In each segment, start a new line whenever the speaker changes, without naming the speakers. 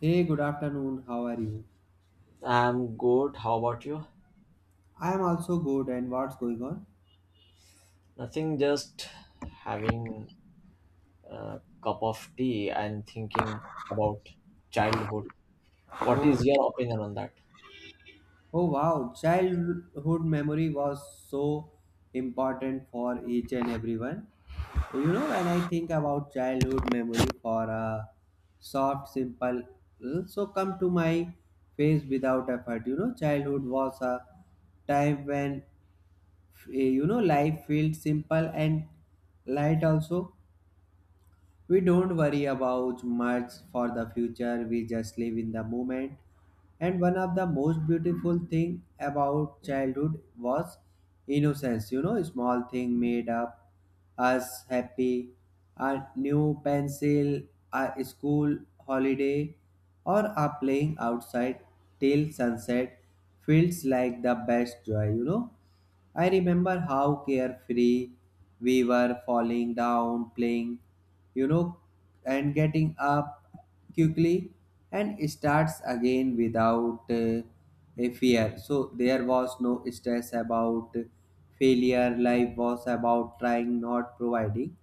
Hey, good afternoon. How are you?
I'm good. How about you?
I am also good. And what's going on?
Nothing, just having a cup of tea and thinking about childhood. What
Oh,
is your opinion on that?
oh wow. Childhood memory was so important for each and everyone. You know, when I think about childhood memory for a soft, simple, so come to my face without effort. You know, childhood was a time when you know life felt simple and light also. We don't worry about much for the future, we just live in the moment. And one of the most beautiful thing about childhood was innocence. You know, small thing made up us happy, a new pencil, a school holiday, or a playing outside till sunset feels like the best joy. You know, I remember how carefree we were falling down, playing, you know, and getting up quickly and starts again without a fear. So there was no stress about failure. Life was about trying, not providing.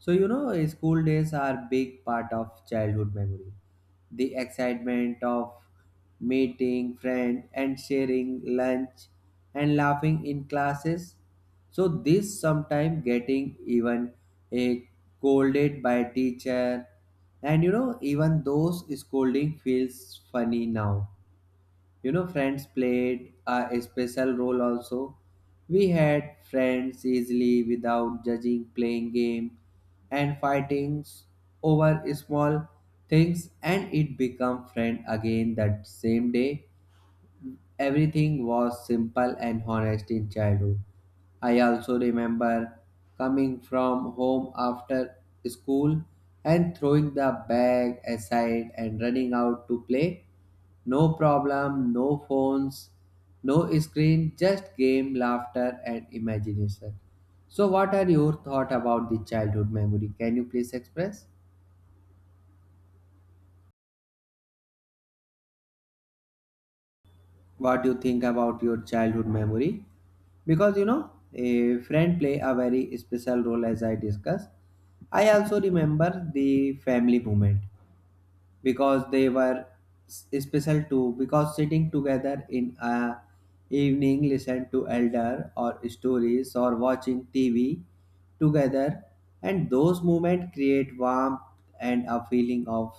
So school days are big part of childhood memory, the excitement of meeting friends and sharing lunch and laughing in classes. So this sometimes getting even a scolded by teacher, and you know even those scolding feels funny now. You know friends played a special role also. We had friends easily without judging, playing game and fightings over small things, and it become friend again that same day. Everything was simple and honest in childhood. I also remember coming from home after school and throwing the bag aside and running out to play. No problem, no phones, no screen, just game, laughter, and imagination. So, what are your thoughts about the childhood memory? Can you please express? What do you think about your childhood memory, because you know a friend play a very special role as I discussed. I also remember the family moment because they were special too, because sitting together in a evening listen to elder or stories or watching TV together, and those moments create warmth and a feeling of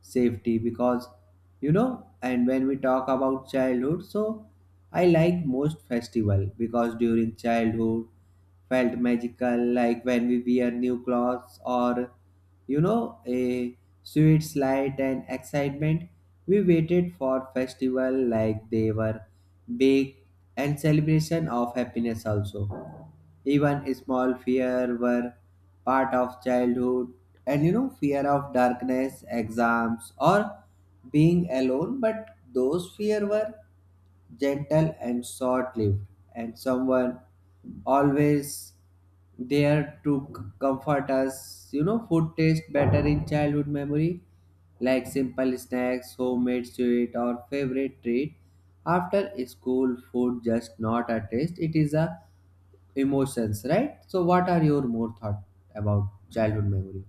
safety. Because you know, and when we talk about childhood, so I like most festival because during childhood felt magical, like when we wear new clothes or a sweet light and excitement. We waited for festival like they were big and celebration of happiness also. Even small fear were part of childhood, and you know fear of darkness, exams or being alone, but those fear were gentle and short lived, and someone always there to comfort us. You know, food tastes better in childhood memory, like simple snacks, homemade sweet, or favorite treat. After school, food just not a taste; it is a emotions, right? So, what are your more thought about childhood memory?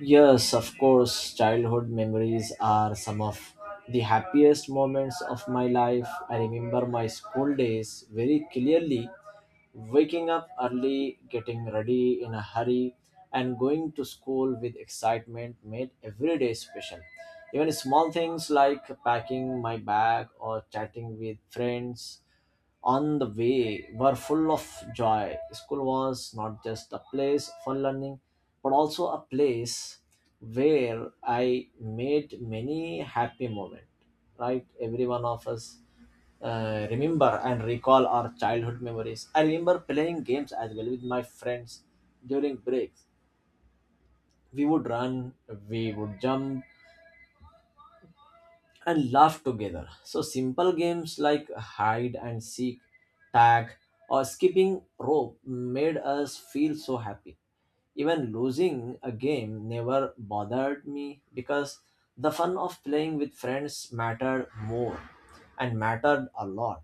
Yes, of course, childhood memories are some of the happiest moments of my life. I remember my school days very clearly. Waking up early, getting ready in a hurry, and going to school with excitement made every day special. Even small things like packing my bag or chatting with friends on the way were full of joy. School was not just a place for learning, but also a place where I made many happy moments. Right, every one of us remember and recall our childhood memories. I remember playing games as well with my friends during breaks. We would run, we would jump, and laugh together. So simple games like hide and seek, tag, or skipping rope made us feel so happy. Even losing a game never bothered me because the fun of playing with friends mattered more and mattered a lot.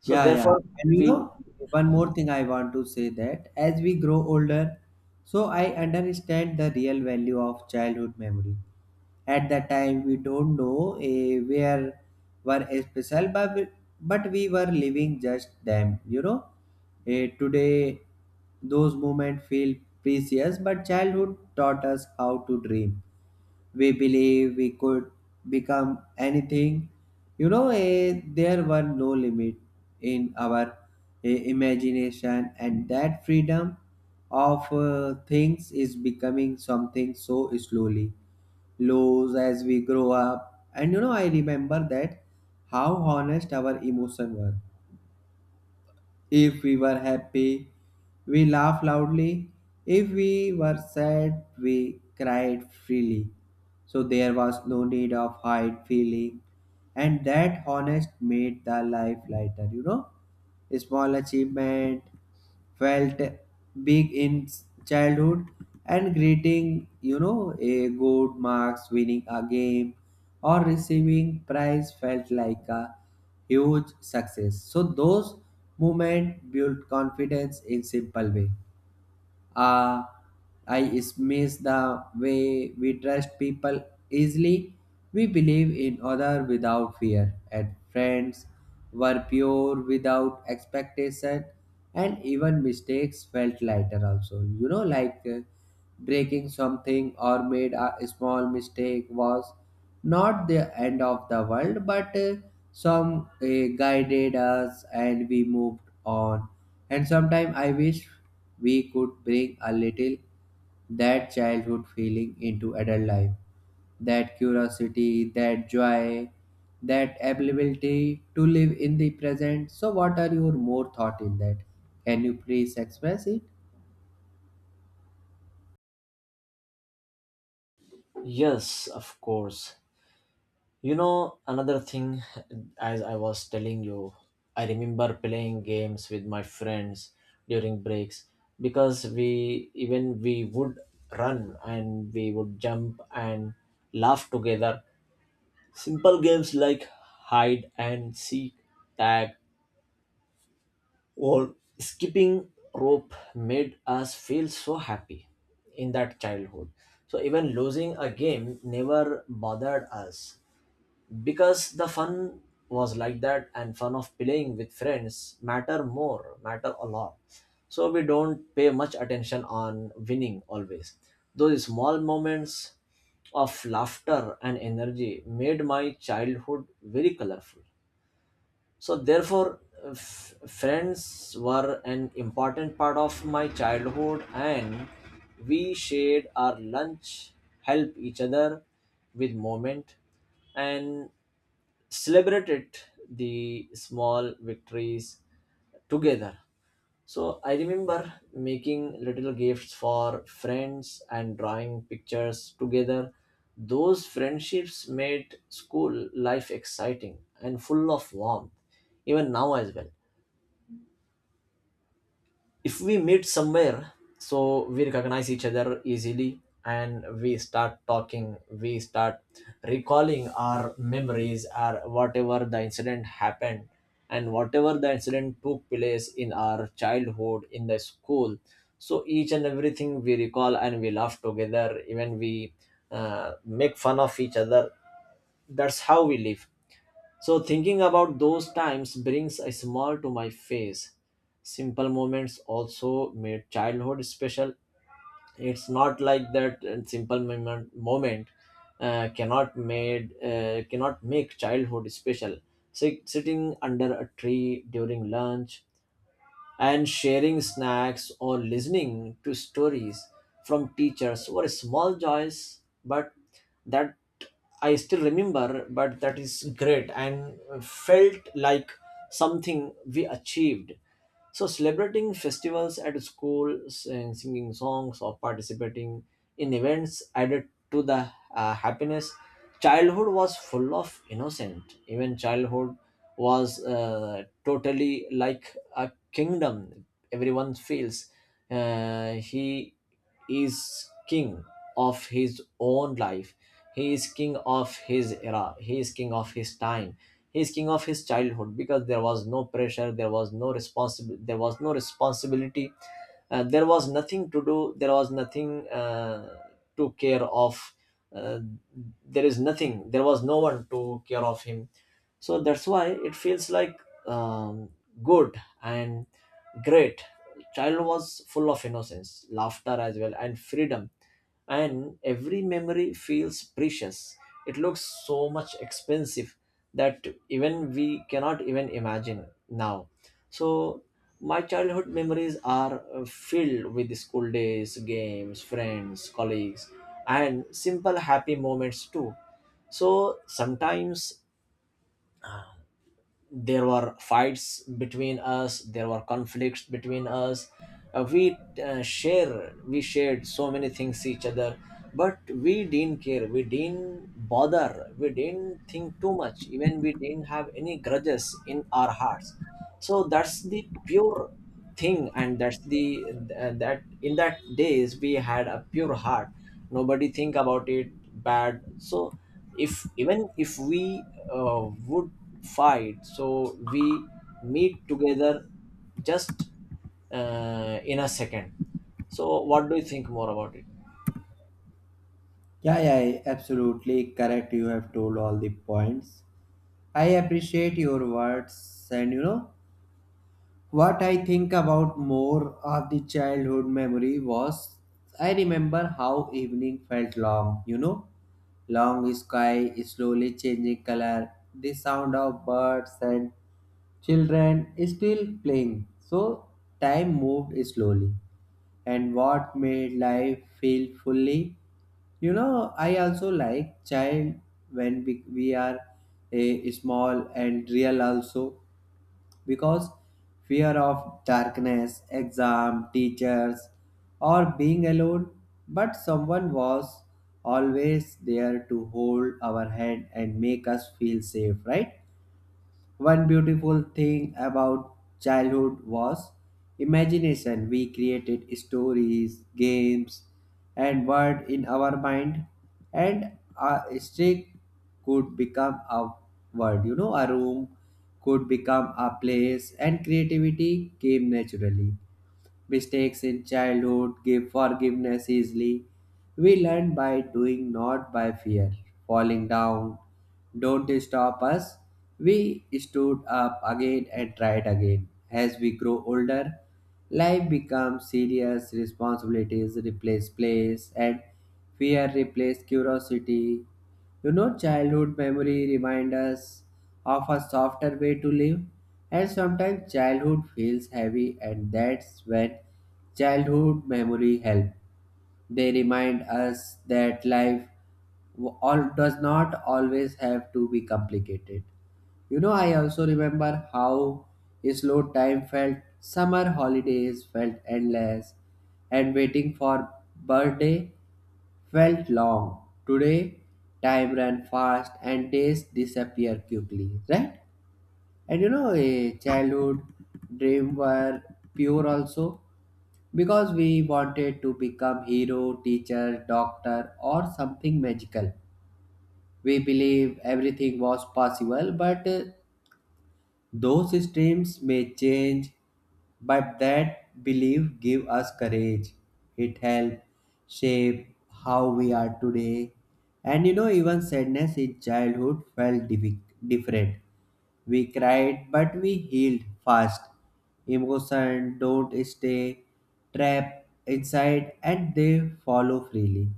So
Yeah, yeah.
therefore
And you
we
know, one more thing I want to say that as we grow older, so I understand the real value of childhood memory. At that time, we don't know where were special, but but we were living just them. You know, today those moments feel precious, but childhood taught us how to dream, we believe we could become anything. You know, there were no limit in our imagination, and that freedom of things is becoming something so slowly lows as we grow up. And you know, I remember that how honest our emotion were. If we were happy, we laughed loudly. If we were sad, we cried freely. So there was no need of hide feeling. And that honest made the life lighter, you know. Small achievement felt big in childhood, and greeting you know a good marks, winning a game or receiving prize felt like a huge success. So those moments built confidence in simple way. uh, I miss the way we trust people easily. We believe in other without fear, and friends were pure without expectation, and even mistakes felt lighter. Also, you know, like breaking something or made a small mistake was not the end of the world, but some guided us and we moved on. And sometimes I wish we could bring a little that childhood feeling into adult life, that curiosity, that joy, that ability to live in the present. So what are your more thought in that? Can you please express it?
yes, of course. You know, another thing, as I was telling you, I remember playing games with my friends during breaks because we even we would run and we would jump and laugh together. Simple games like hide and seek, tag, or skipping rope made us feel so happy in that childhood. So even losing a game never bothered us because the fun was like that, and fun of playing with friends matter more matter a lot. So we don't pay much attention on winning always. Those small moments of laughter and energy made my childhood very colorful. So therefore, friends were an important part of my childhood, and we shared our lunch, help each other with moment, and celebrated the small victories together. So I remember making little gifts for friends and drawing pictures together. Those friendships made school life exciting and full of warmth, even now as well. If we meet somewhere, so we recognize each other easily and we start talking, we start recalling our memories or whatever the incident happened and whatever the incident took place in our childhood in the school. So each and everything we recall and we laugh together, even we make fun of each other. That's how we live. So, thinking about those times brings a smile to my face. Simple moments also made childhood special. It's not like that simple moment cannot made cannot make childhood special. Sitting under a tree during lunch and sharing snacks or listening to stories from teachers were small joys, but that I still remember, but that is great and felt like something we achieved. So, celebrating festivals at school and singing songs or participating in events added to the happiness. Childhood was full of innocent. Even childhood was totally like a kingdom. Everyone feels he is king of his own life. He is king of his era. He is king of his time. He is king of his childhood because there was no pressure, there was no responsibility, there was nothing to do, there was nothing to care of. Uh, there is nothing, there was no one to care of him. So that's why it feels like um, good and great. Child was full of innocence, laughter as well, and freedom, and every memory feels precious. It looks so much expensive that even we cannot even imagine now. So my childhood memories are filled with school days, games, friends, colleagues, and simple happy moments too. So sometimes there were fights between us, there were conflicts between us. We share we shared so many things each other, but we didn't care, we didn't bother, we didn't think too much, even we didn't have any grudges in our hearts. So that's the pure thing, and that's the that in that days we had a pure heart. Nobody think about it bad. So if even if we would fight, so we meet together just in a second. So what do you think more about it?
Yeah, yeah, absolutely correct, you have told all the points. I appreciate your words, and you know what I think about more of the childhood memory was, I remember how evening felt long, you know, long sky slowly changing color, the sound of birds and children still playing. So time moved slowly and what made life feel fully. You know I also like child when we are a small and real also, because fear of darkness, exam teachers or being alone, but someone was always there to hold our hand and make us feel safe, right? One beautiful thing about childhood was imagination. We created stories, games, and words in our mind, and a stick could become a word, you know, a room could become a place, and creativity came naturally. Mistakes in childhood give forgiveness easily. We learn by doing, not by fear. Falling down don't stop us. We stood up again and tried again. As we grow older, life becomes serious, responsibilities replace plays, and fear replace curiosity. You know, childhood memory remind us of a softer way to live. And sometimes childhood feels heavy, and that's when childhood memory help. They remind us that life all does not always have to be complicated. You know, I also remember how slow time felt. Summer holidays felt endless, and waiting for birthday felt long. Today, time ran fast and days disappear quickly, right? And you know, a childhood dream were pure also, because we wanted to become hero, teacher, doctor or something magical. We believe everything was possible, but those dreams may change, but that belief give us courage. It help shape how we are today. And you know, even sadness in childhood felt different. We cried, but we healed fast. Emotions don't stay trapped inside and they follow freely.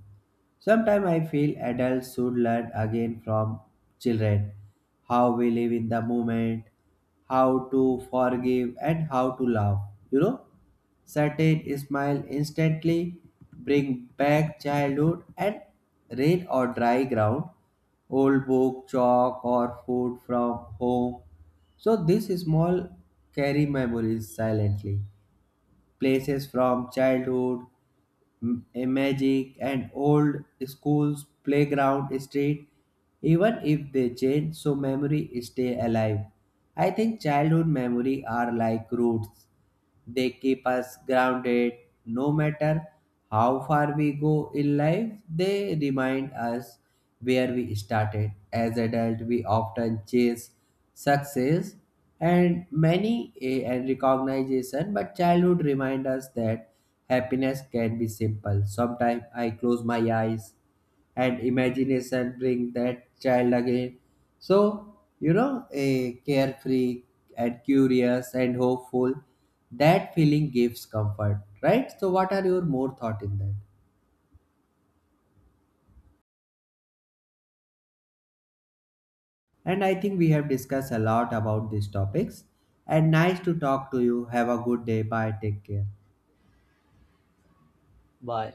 Sometimes I feel adults should learn again from children how we live in the moment, how to forgive, and how to love. You know, certain smile instantly bring back childhood, and rain or dry ground, old book, chalk, or food from home. So these small carry memories silently. Places from childhood, a magic, and old schools, playground, street, even if they change, so memory stay alive. I think childhood memory are like roots, they keep us grounded no matter how far we go in life. They remind us where we started. As adults, we often chase success and many and recognition, but childhood reminds us that happiness can be simple. Sometimes I close my eyes and imagination bring that child again. So you know, a carefree and curious and hopeful, that feeling gives comfort, right? So what are your more thought in that? And I think we have discussed a lot about these topics. And nice to talk to you, have a good day, bye, take care.
Bye.